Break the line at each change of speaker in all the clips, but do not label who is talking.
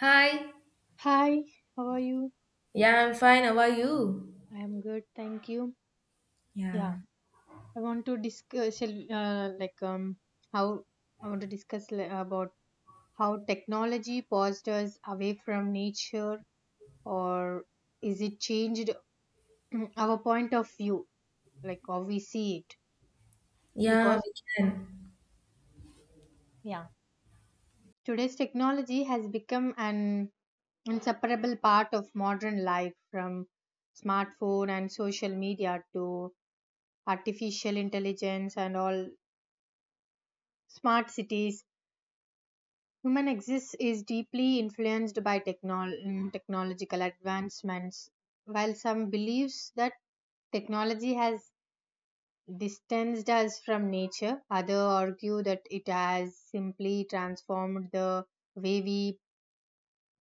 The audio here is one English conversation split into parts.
Hi.
Hi, how are you?
Yeah, I'm fine. How are you?
I am good, thank you.
Yeah.
Yeah, I want to discuss how I want to discuss li- about how technology paused us away from nature, or is it changed our point of view, like how we see it?
Yeah,
Because
we can.
yeah, today's technology has become an inseparable part of modern life, from smartphone and social media to artificial intelligence and all smart cities. Human existence is deeply influenced by technological advancements. While some believes that technology has distanced us from nature, others argue that it has simply transformed the way we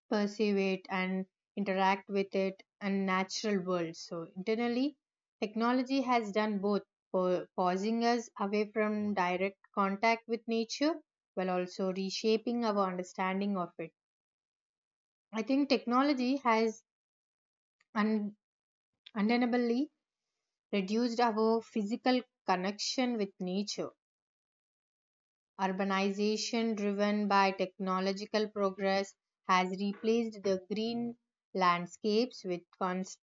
perceive it and interact with it and natural world, so internally technology has done both, pausing us away from direct contact with nature while also reshaping our understanding of it. I think technology has un- undeniably reduced our physical connection with nature. Urbanization driven by technological progress has replaced the green landscapes with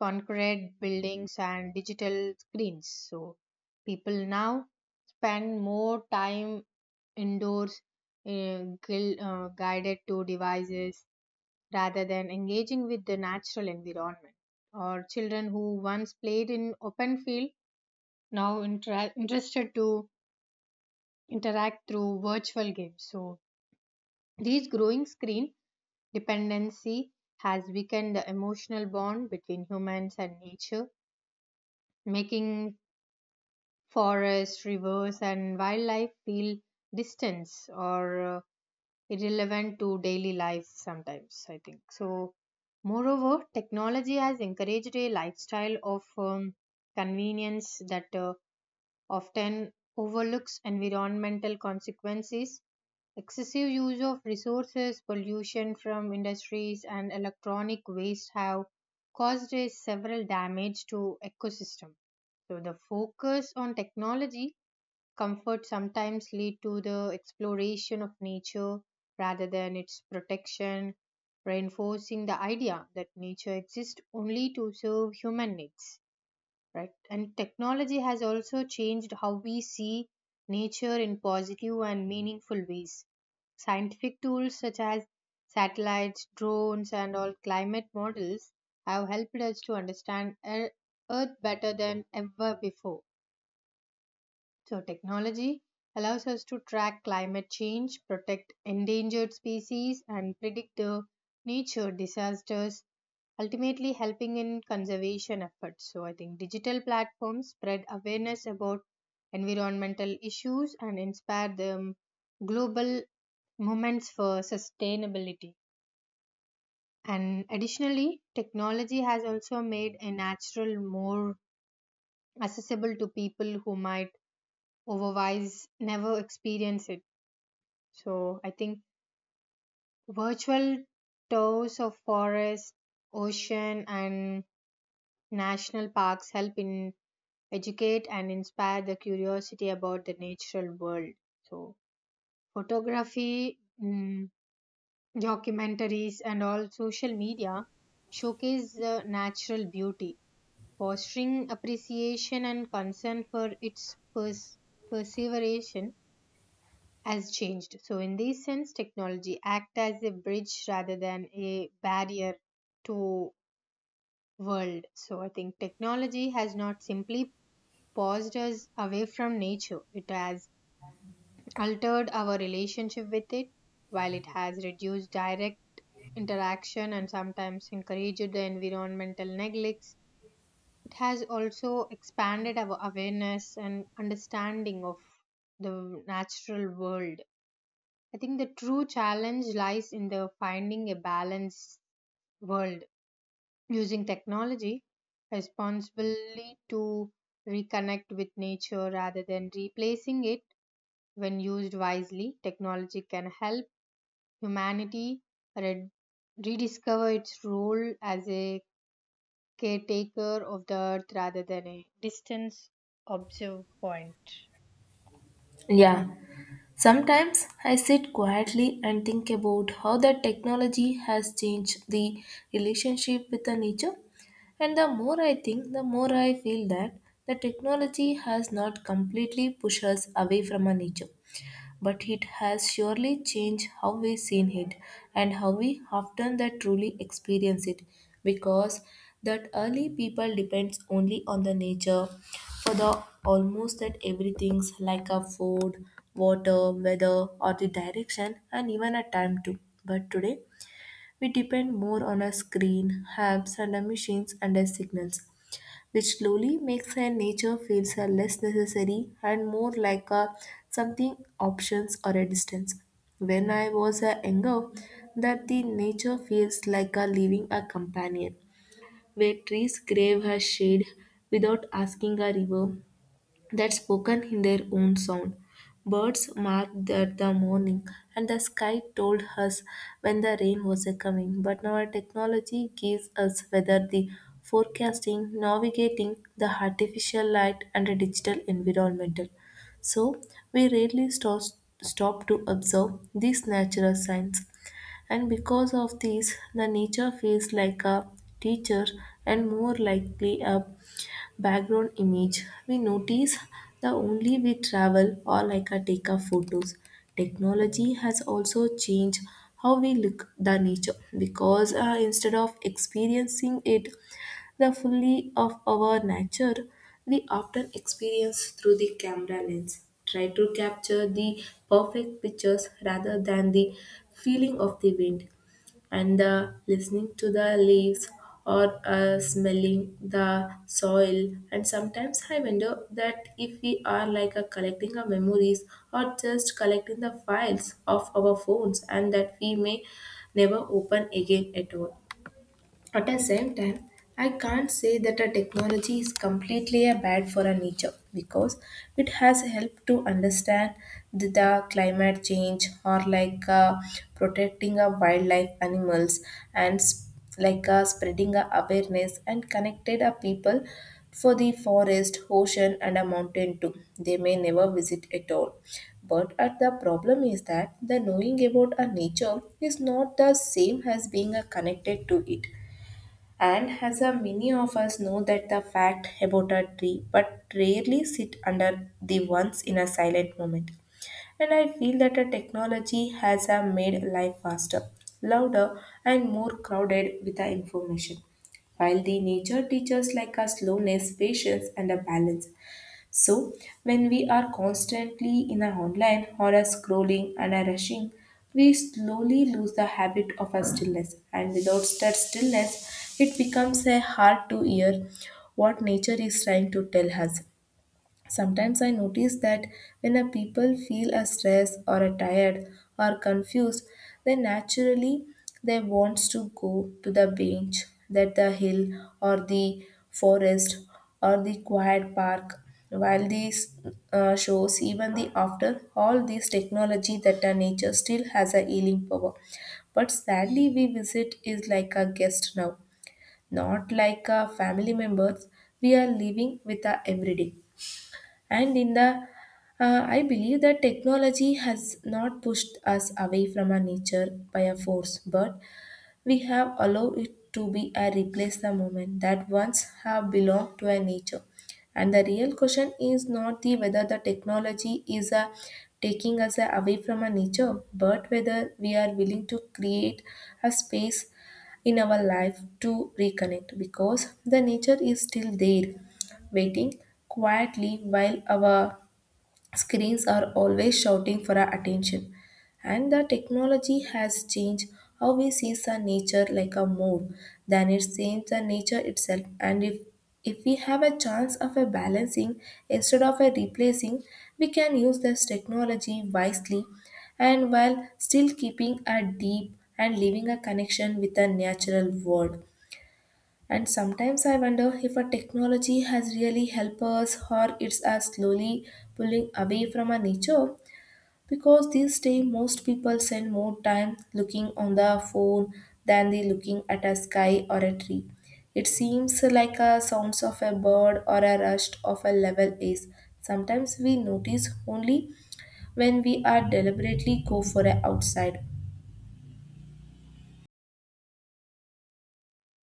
concrete buildings and digital screens. So people now spend more time indoors, uh, guided to devices rather than engaging with the natural environment. Or children who once played in open field now interested to interact through virtual games. So these growing screen dependency has weakened the emotional bond between humans and nature, making forests, rivers, and wildlife feel distant or irrelevant to daily life sometimes, I think. So, moreover, technology has encouraged a lifestyle of convenience that often overlooks environmental consequences. Excessive use of resources, pollution from industries, and electronic waste have caused a several damage to ecosystem. So the focus on technology comfort sometimes lead to the exploration of nature rather than its protection, reinforcing the idea that nature exists only to serve human needs. Right? And technology has also changed how we see nature in positive and meaningful ways. Scientific tools such as satellites, drones, and all climate models have helped us to understand Earth better than ever before. So, technology allows us to track climate change, protect endangered species, and predict the nature disasters, ultimately helping in conservation efforts. So, I think digital platforms spread awareness about environmental issues and inspire the global movements for sustainability. And additionally, technology has also made a natural more accessible to people who might otherwise never experience it. So I think virtual tours of forests, ocean, and national parks help in educate and inspire the curiosity about the natural world. So photography, documentaries, and all social media showcase natural beauty, fostering appreciation and concern for its perseveration has changed. So, in this sense, technology act as a bridge rather than a barrier to world. So, I think technology has not simply paused us away from nature; it has altered our relationship with it. While it has reduced direct interaction and sometimes encouraged the environmental neglects, it has also expanded our awareness and understanding of the natural world. I think the true challenge lies in the finding a balanced world, using technology responsibly to reconnect with nature rather than replacing it. When used wisely, technology can help humanity re- rediscover its role as a caretaker of the earth rather than a distance observe point.
Yeah. Sometimes I sit quietly and think about how the technology has changed the relationship with the nature. And the more I think, the more I feel that the technology has not completely pushed us away from our nature, but it has surely changed how we seen it and how we often that truly experience it because that early people depends only on the nature for the almost that everything's like a food, water, weather, or the direction, and even a time too. But today, we depend more on a screen, apps, and a machines and a signals, which slowly makes our nature feels a less necessary and more like a something options or a distance. When I was a younger, that the nature feels like a living a companion, where trees crave her shade without asking a river, that spoken in their own sound. Birds marked that the morning, and the sky told us when the rain was a coming. But now our technology gives us weather the forecasting, navigating the artificial light, and the digital environmental. So we rarely stop to observe these natural signs. And because of this, the nature feels like a teacher and more likely a background image we notice the only we travel or like a take a photos. Technology has also changed how we look the nature because instead of experiencing it the fully of our nature we often experience through the camera lens try to capture the perfect pictures rather than the feeling of the wind and the listening to the leaves or smelling the soil. And sometimes I wonder that if we are like a collecting our memories or just collecting the files of our phones and that we may never open again at all. At the same time, I can't say that a technology is completely a bad for our nature because it has helped to understand the climate change or like protecting our wildlife animals and like spreading our awareness and connected our people for the forest, ocean, and a mountain too. They may never visit at all. But at the problem is that the knowing about a nature is not the same as being connected to it. And as a many of us know that the fact about a tree, but rarely sit under the ones in a silent moment. And I feel that a technology has made life faster, louder, and more crowded with the information. While the nature teaches like a slowness, patience, and a balance, so, when we are constantly in our online or are scrolling and are rushing, we slowly lose the habit of our stillness. And without that stillness, it becomes a hard to hear what nature is trying to tell us. Sometimes I notice that when a people feel a stress or a tired or confused, then naturally they wants to go to the bench, that the hill or the forest or the quiet park. While these shows, even the after all this technology, that the nature still has a healing power. But sadly, we visit is like a guest now, not like a family members. We are living with our everyday. And in the I believe that technology has not pushed us away from our nature by a force, but we have allowed it to be and replace the moment that once have belonged to a nature. And the real question is not the whether the technology is a taking us away from our nature, but whether we are willing to create a space in our life to reconnect because the nature is still there waiting quietly while our screens are always shouting for our attention, and the technology has changed how we see the nature like a more than it seems the nature itself. And if we have a chance of a balancing instead of a replacing, we can use this technology wisely and while still keeping a deep and leaving a connection with the natural world. And sometimes I wonder if a technology has really helped us or it's us slowly pulling away from our nature because these days most people spend more time looking on the phone than they looking at a sky or a tree. It seems like a sounds of a bird or a rush of a level is. Sometimes we notice only when we are deliberately go for a outside.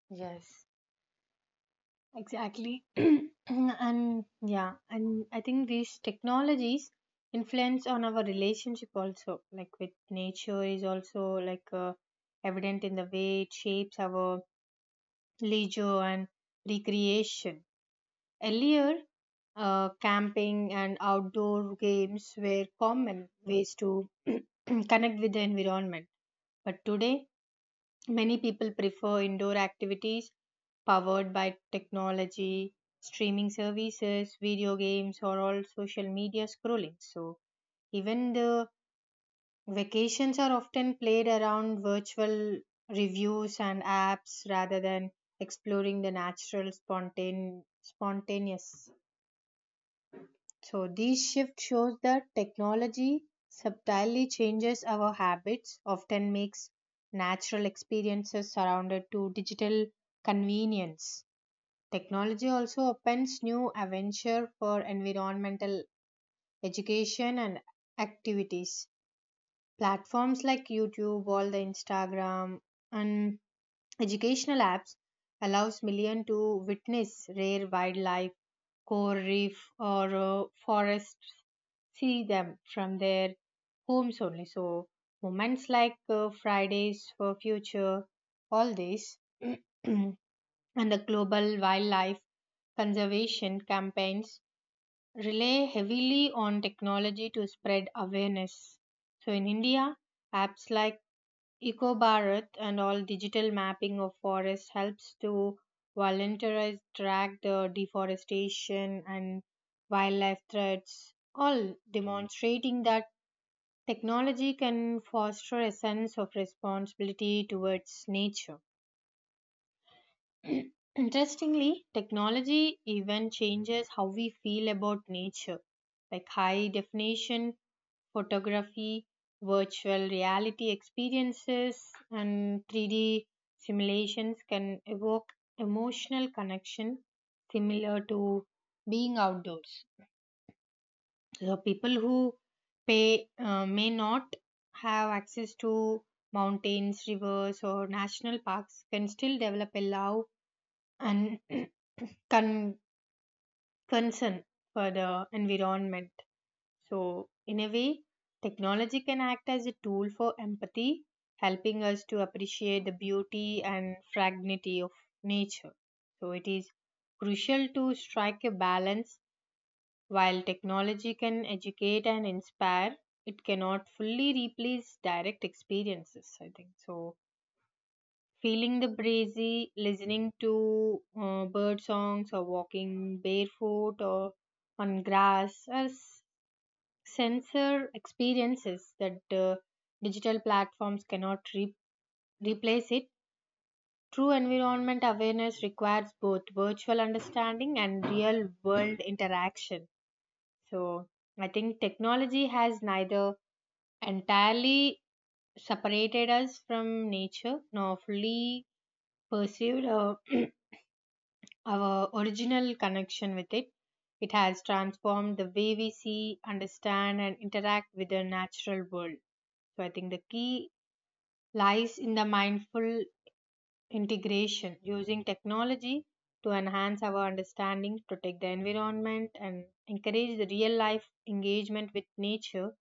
Yes. Exactly. and Yeah, and I think these technologies influence on our relationship also, like with nature, is also like evident in the way it shapes our leisure and recreation. Earlier, camping and outdoor games were common ways to connect with the environment, but today many people prefer indoor activities powered by technology, streaming services, video games, or all social media scrolling. So, even the vacations are often played around virtual reviews and apps rather than exploring the natural spontaneous. So this shift shows that technology subtly changes our habits, often makes natural experiences surrounded to digital convenience. Technology also opens new avenues for environmental education and activities. Platforms like YouTube, all the Instagram and educational apps allows million to witness rare wildlife, coral reef or forests, see them from their homes only. So moments like Fridays for Future, all these and the global wildlife conservation campaigns rely heavily on technology to spread awareness. So, in India, apps like EcoBharat and all digital mapping of forests helps to volunteers track the deforestation and wildlife threats, all demonstrating that technology can foster a sense of responsibility towards nature. Interestingly, technology even changes how we feel about nature, like high definition photography, virtual reality experiences, and 3D simulations can evoke emotional connection similar to being outdoors. So, people who pay, may not have access to mountains, rivers, or national parks can still develop a love and con- concern for the environment. So, in a way, technology can act as a tool for empathy, helping us to appreciate the beauty and fragility of nature. So, it is crucial to strike a balance. While technology can educate and inspire, it cannot fully replace direct experiences, I think. So, feeling the breezy, listening to bird songs, or walking barefoot or on grass are sensor experiences that digital platforms cannot replace it. True environment awareness requires both virtual understanding and real world interaction. So, I think technology has neither entirely separated us from nature nor fully pursued or our original connection with it. It has transformed the way we see, understand, and interact with the natural world. So I think the key lies in the mindful integration, using technology to enhance our understanding, protect the environment, and encourage the real life engagement with nature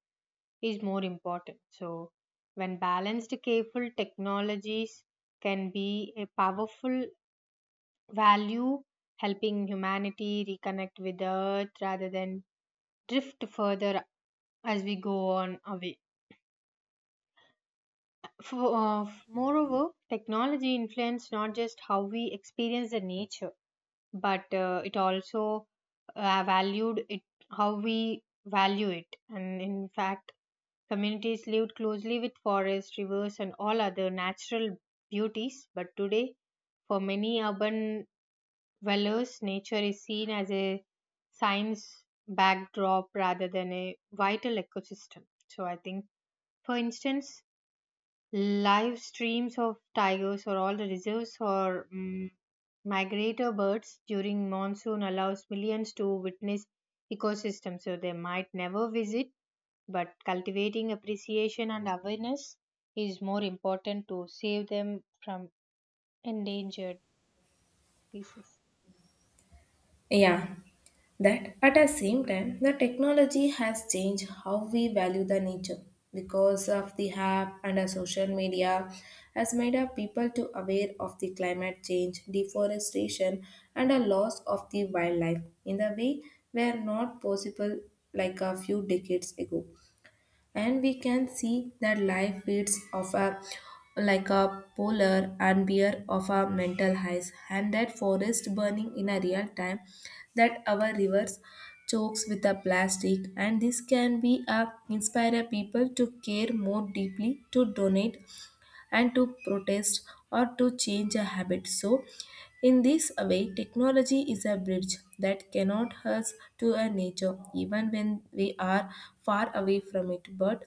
is more important. So when balanced, careful technologies can be a powerful value helping humanity reconnect with the earth rather than drift further as we go on away. For, moreover, technology influences not just how we experience the nature, but it also valued it how we value it. And in fact, communities lived closely with forests, rivers, and all other natural beauties. But today, for many urban Wellers, nature is seen as a science backdrop rather than a vital ecosystem. So I think, for instance, live streams of tigers or all the reserves or migrator birds during monsoon allows millions to witness ecosystems. So they might never visit, but cultivating appreciation and awareness is more important to save them from endangered species.
Yeah, that at the same time, the technology has changed how we value the nature because of the app and the social media has made our people to aware of the climate change, deforestation, and a loss of the wildlife in the way were not possible like a few decades ago. And we can see that life feeds of a like a polar and bear of our mental highs and that forest burning in a real time, that our rivers chokes with a plastic, and this can be a inspire people to care more deeply, to donate and to protest or to change a habit. So in this way technology is a bridge that cannot hurt to a nature even when we are far away from it, but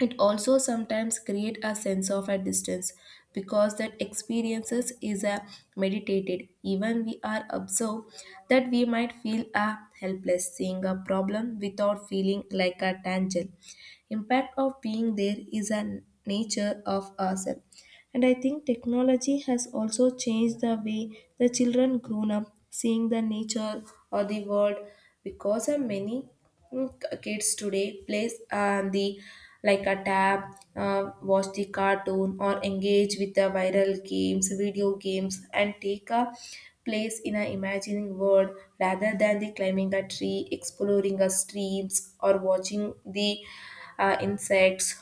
it also sometimes create a sense of a distance because that experiences is a meditated. Even we are observed that we might feel a helpless seeing a problem without feeling like a tangle. Impact of being there is a nature of ourselves. And I think technology has also changed the way the children grown up seeing the nature or the world because of many mm, kids today plays on the like a tab, watch the cartoon or engage with the viral games, video games and take a place in an imagining world rather than the climbing a tree, exploring a streams or watching the insects.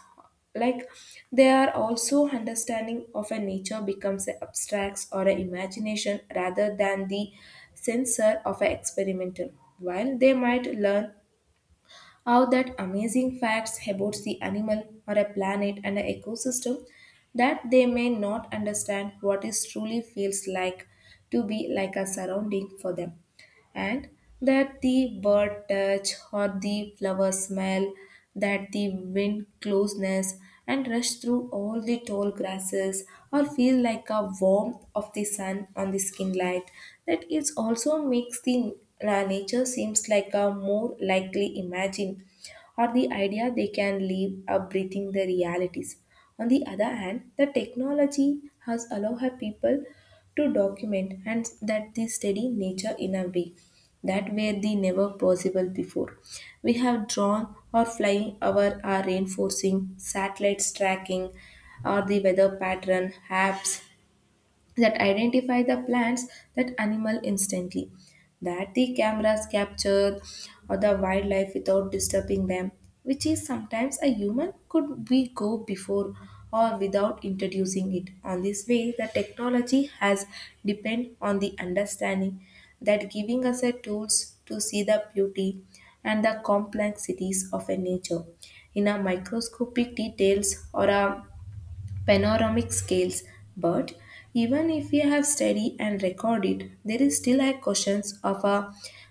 Like they are also understanding of a nature becomes an abstracts or an imagination rather than the censor of an experimental. While they might learn how that amazing facts about the animal or a planet and an ecosystem that they may not understand what is truly feels like to be like a surrounding for them. And that the bird touch or the flower smell, that the wind closeness and rush through all the tall grasses or feel like a warmth of the sun on the skin light, that it also makes the nature seems like a more likely imagine or the idea they can live up breathing the realities. On the other hand, the technology has allowed her people to document and that the steady nature in a way that were the never possible before. We have drawn or flying over our are reinforcing satellites tracking or the weather pattern apps that identify the plants, that animal instantly, that the cameras capture or the wildlife without disturbing them, which is sometimes a human could we go before or without introducing it. On this way the technology has depend on the understanding, that giving us a tools to see the beauty and the complexities of a nature in a microscopic details or a panoramic scales. But even if we have studied and recorded, there is still a questions of a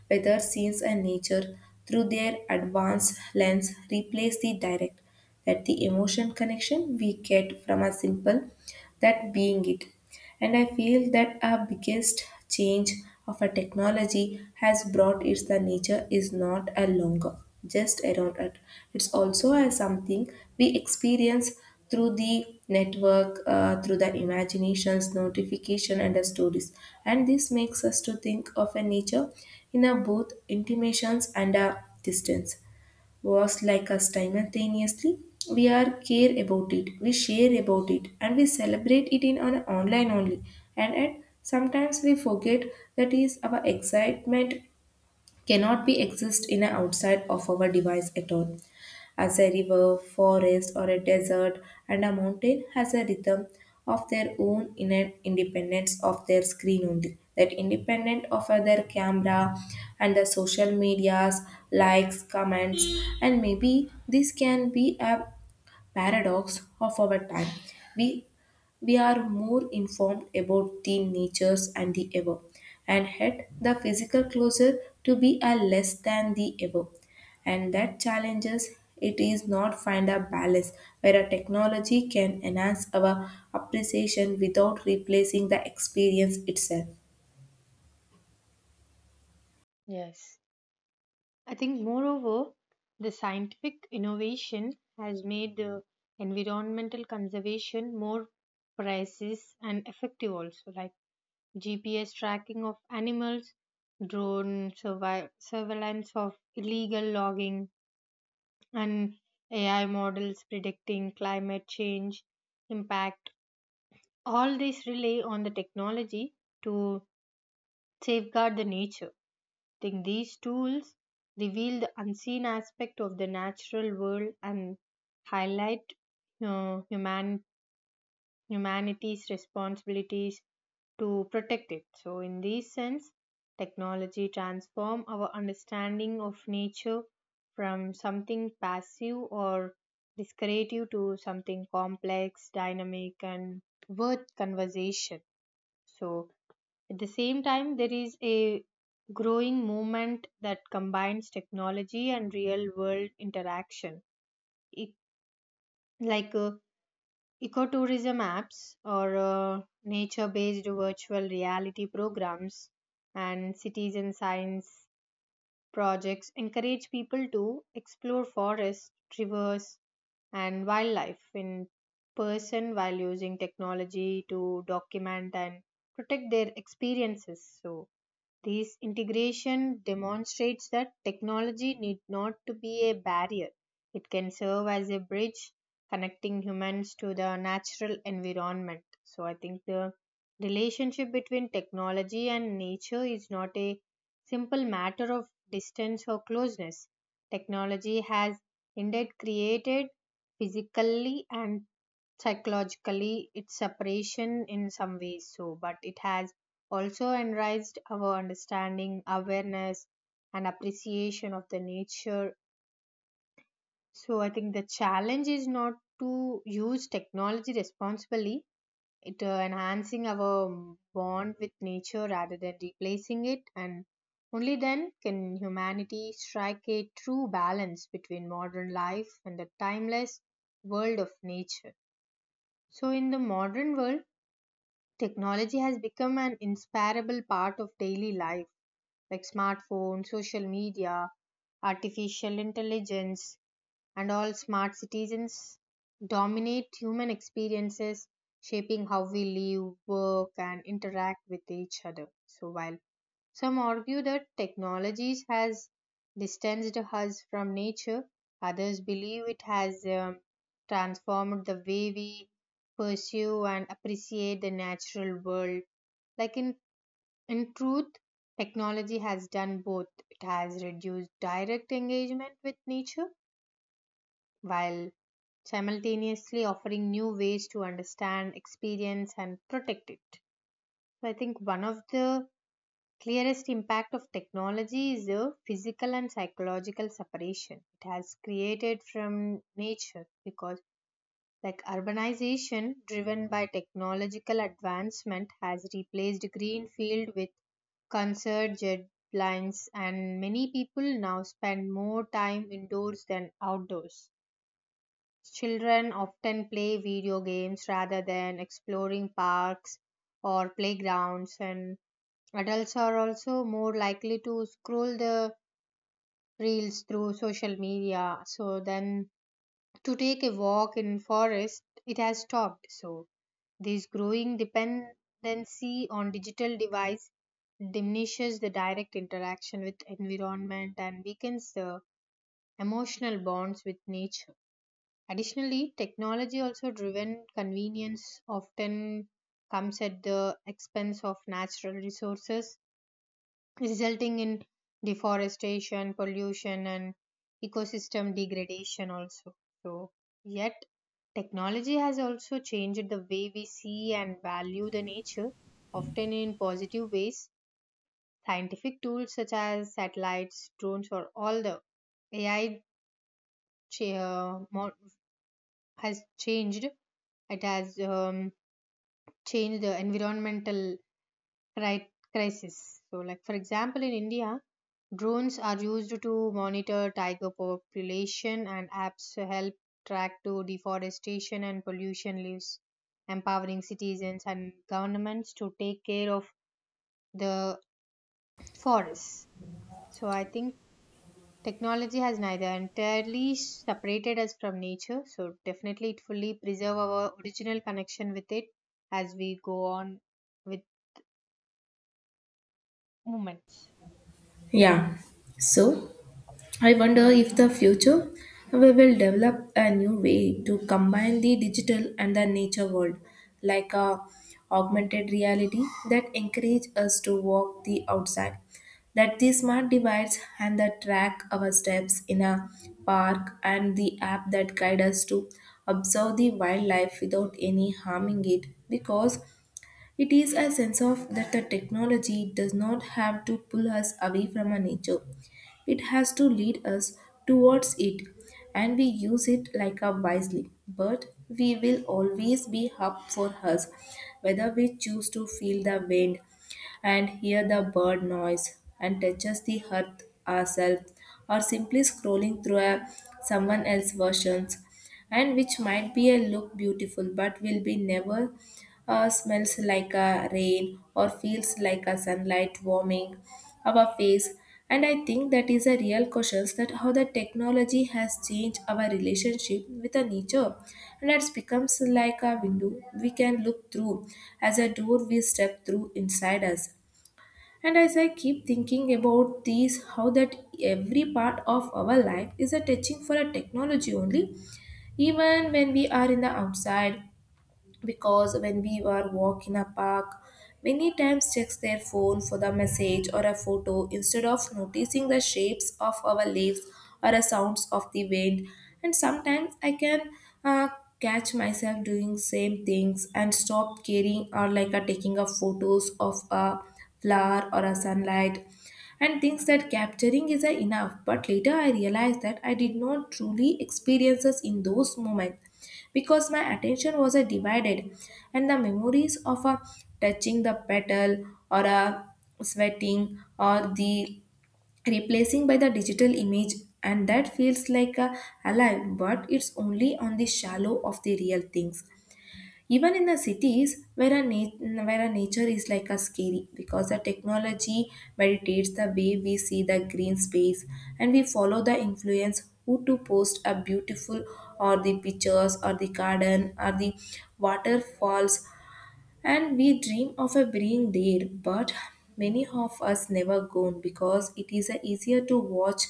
whether scenes and nature through their advanced lens replace the direct that the emotion connection we get from a simple that being it. And I feel that our biggest change of our technology has brought is the nature is not a longer just around it. It's also a something we experience through the network, through the imaginations, notification, and the stories. And this makes us to think of a nature in a both intimations and a distance was like us simultaneously. We are care about it, we share about it, and we celebrate it in our online only. And at sometimes we forget that is our excitement cannot be exist in a outside of our device at all. As a river, forest, or a desert, and a mountain has a rhythm of their own inner independence of their screen only. That independent of their camera and the social medias, likes, comments, and maybe this can be a paradox of our time. We we are more informed about the natures and the ever, and yet the physical closer to be a less than the ever. And that challenges it is not find a balance where a technology can enhance our appreciation without replacing the experience itself.
Yes. I think, moreover, the scientific innovation has made environmental conservation more precise and effective, also, like GPS tracking of animals, surveillance of illegal logging, and AI models predicting climate change impact. All these rely on the technology to safeguard the nature. Think these tools reveal the unseen aspect of the natural world and highlight uh, human humanity's responsibilities to protect it. So in this sense technology transform our understanding of nature from something passive or discretive to something complex, dynamic and worth conversation. So at the same time, there is a growing movement that combines technology and real world interaction, E- like ecotourism apps or nature based virtual reality programs and citizen science projects encourage people to explore forests, rivers, and wildlife in person while using technology to document and protect their experiences. So, this integration demonstrates that technology need not to be a barrier. It can serve as a bridge connecting humans to the natural environment. So I think the relationship between technology and nature is not a simple matter of distance or closeness. Technology has indeed created physically and psychologically it's separation in some ways, so but it has also enriched our understanding, awareness and appreciation of the nature. So I think the challenge is not to use technology responsibly, it enhancing our bond with nature rather than replacing it, and only then can humanity strike a true balance between modern life and the timeless world of nature. So in the modern world, technology has become an inseparable part of daily life, like smartphones, social media, artificial intelligence, and all smart citizens dominate human experiences, shaping how we live, work, and interact with each other. So, while some argue that technologies has distanced us from nature, others believe it has transformed the way we pursue and appreciate the natural world. Like in truth, technology has done both. It has reduced direct engagement with nature while simultaneously offering new ways to understand, experience, and protect it. So I think one of the clearest impact of technology is the physical and psychological separation it has created from nature. Because like urbanization driven by technological advancement has replaced greenfield with concert jet lines, and many people now spend more time indoors than outdoors. Children often play video games rather than exploring parks or playgrounds, and adults are also more likely to scroll the reels through social media, so then to take a walk in forest it has stopped. So this growing dependency on digital device diminishes the direct interaction with environment and weakens the emotional bonds with nature. Additionally, technology also driven convenience often comes at the expense of natural resources, resulting in deforestation, pollution, and ecosystem degradation also. So, yet technology has also changed the way we see and value the nature, often in positive ways. Scientific tools such as satellites, drones, or all the AI cha- uh, mo- has changed. It has changed the environmental crisis. So, like for example, in India, drones are used to monitor tiger population and apps help track to deforestation and pollution leaves, empowering citizens and governments to take care of the forests. So I think technology has neither entirely separated us from nature, so definitely it fully preserve our original connection with it as we go on with movements.
Yeah. So I wonder if the future we will develop a new way to combine the digital and the nature world, like a augmented reality that encourage us to walk the outside, that the smart device and the track our steps in a park and the app that guide us to observe the wildlife without any harming it because it is a sense of that the technology does not have to pull us away from our nature. It has to lead us towards it and we use it like a wisely. But we will always be up for us whether we choose to feel the wind and hear the bird noise and touches the earth ourselves or simply scrolling through a someone else's versions and which might be a look beautiful but will be never smells like a rain or feels like a sunlight warming our face. And I think that is a real question that how the technology has changed our relationship with the nature and it becomes like a window we can look through as a door we step through inside us. And as I keep thinking about these, how that every part of our life is a touching for a technology only, even when we are in the outside, because when we were walk in a park many times checks their phone for the message or a photo instead of noticing the shapes of our leaves or the sounds of the wind. And sometimes I can uh, catch myself doing same things and stop caring or like a taking of photos of a flower or a sunlight and thinks that capturing is a enough, but later I realized that I did not truly experiences in those moments because my attention was divided and the memories of touching the petal or sweating or the replacing by the digital image, and that feels like alive, but it's only on the shallow of the real things. Even in the cities where a, where a nature is like a scary because the technology meditates the way we see the green space and we follow the influence who to post a beautiful or the pictures or the garden or the waterfalls, and we dream of being there, but many of us never go because it is easier to watch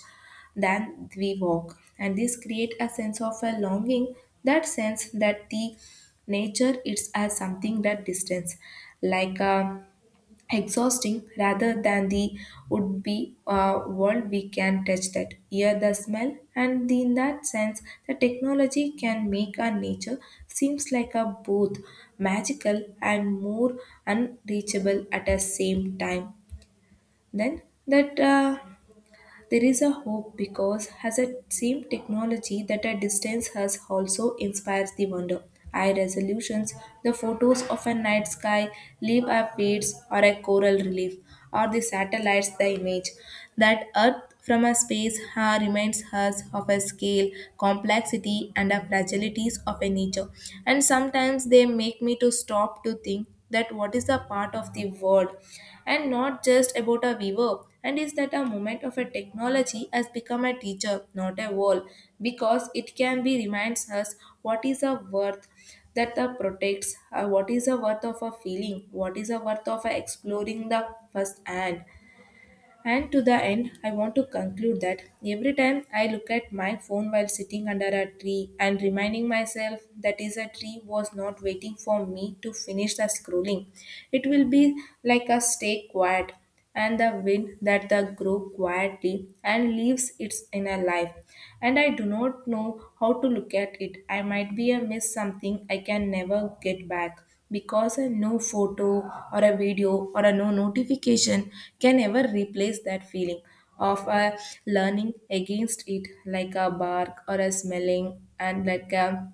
than we walk. And this create a sense of a longing, that sense that the nature is as something that distance, like a exhausting rather than the would be world we can touch that hear the smell. And in that sense the technology can make our nature seems like a both magical and more unreachable at the same time. Then that there is a hope because has a same technology that at distance has also inspires the wonder. High resolutions, the photos of a night sky, leaf updates or a coral relief, or the satellites the image. That Earth from a space ha, reminds us of a scale, complexity, and a fragilities of a nature. And sometimes they make me to stop to think that what is a part of the world and not just about a viewer, and is that a moment of a technology has become a teacher, not a wall, because it can be reminds us what is a worth that the protects, what is the worth of a feeling, what is the worth of a exploring the first hand. And to the end, I want to conclude that every time I look at my phone while sitting under a tree and reminding myself that is a tree was not waiting for me to finish the scrolling, it will be like a stay quiet and the wind that the grow quietly and leaves its inner life. And I do not know how to look at it. I might be a miss something I can never get back because a no photo or a video or a no notification can ever replace that feeling of a learning against it like a bark or a smelling and like a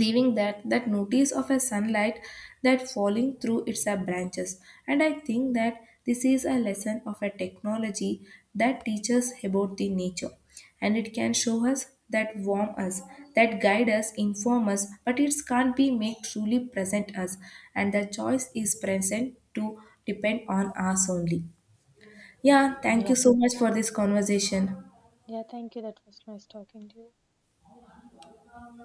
leaving that that notice of a sunlight that falling through its branches. And I think that this is a lesson of a technology that teaches about the nature, and it can show us that warm us that guide us inform us, but it can't be make truly present us. And the choice is present to depend on us only. Yeah, thank
Yeah,
you so much for this conversation.
yeah, thank you. That was nice talking to you.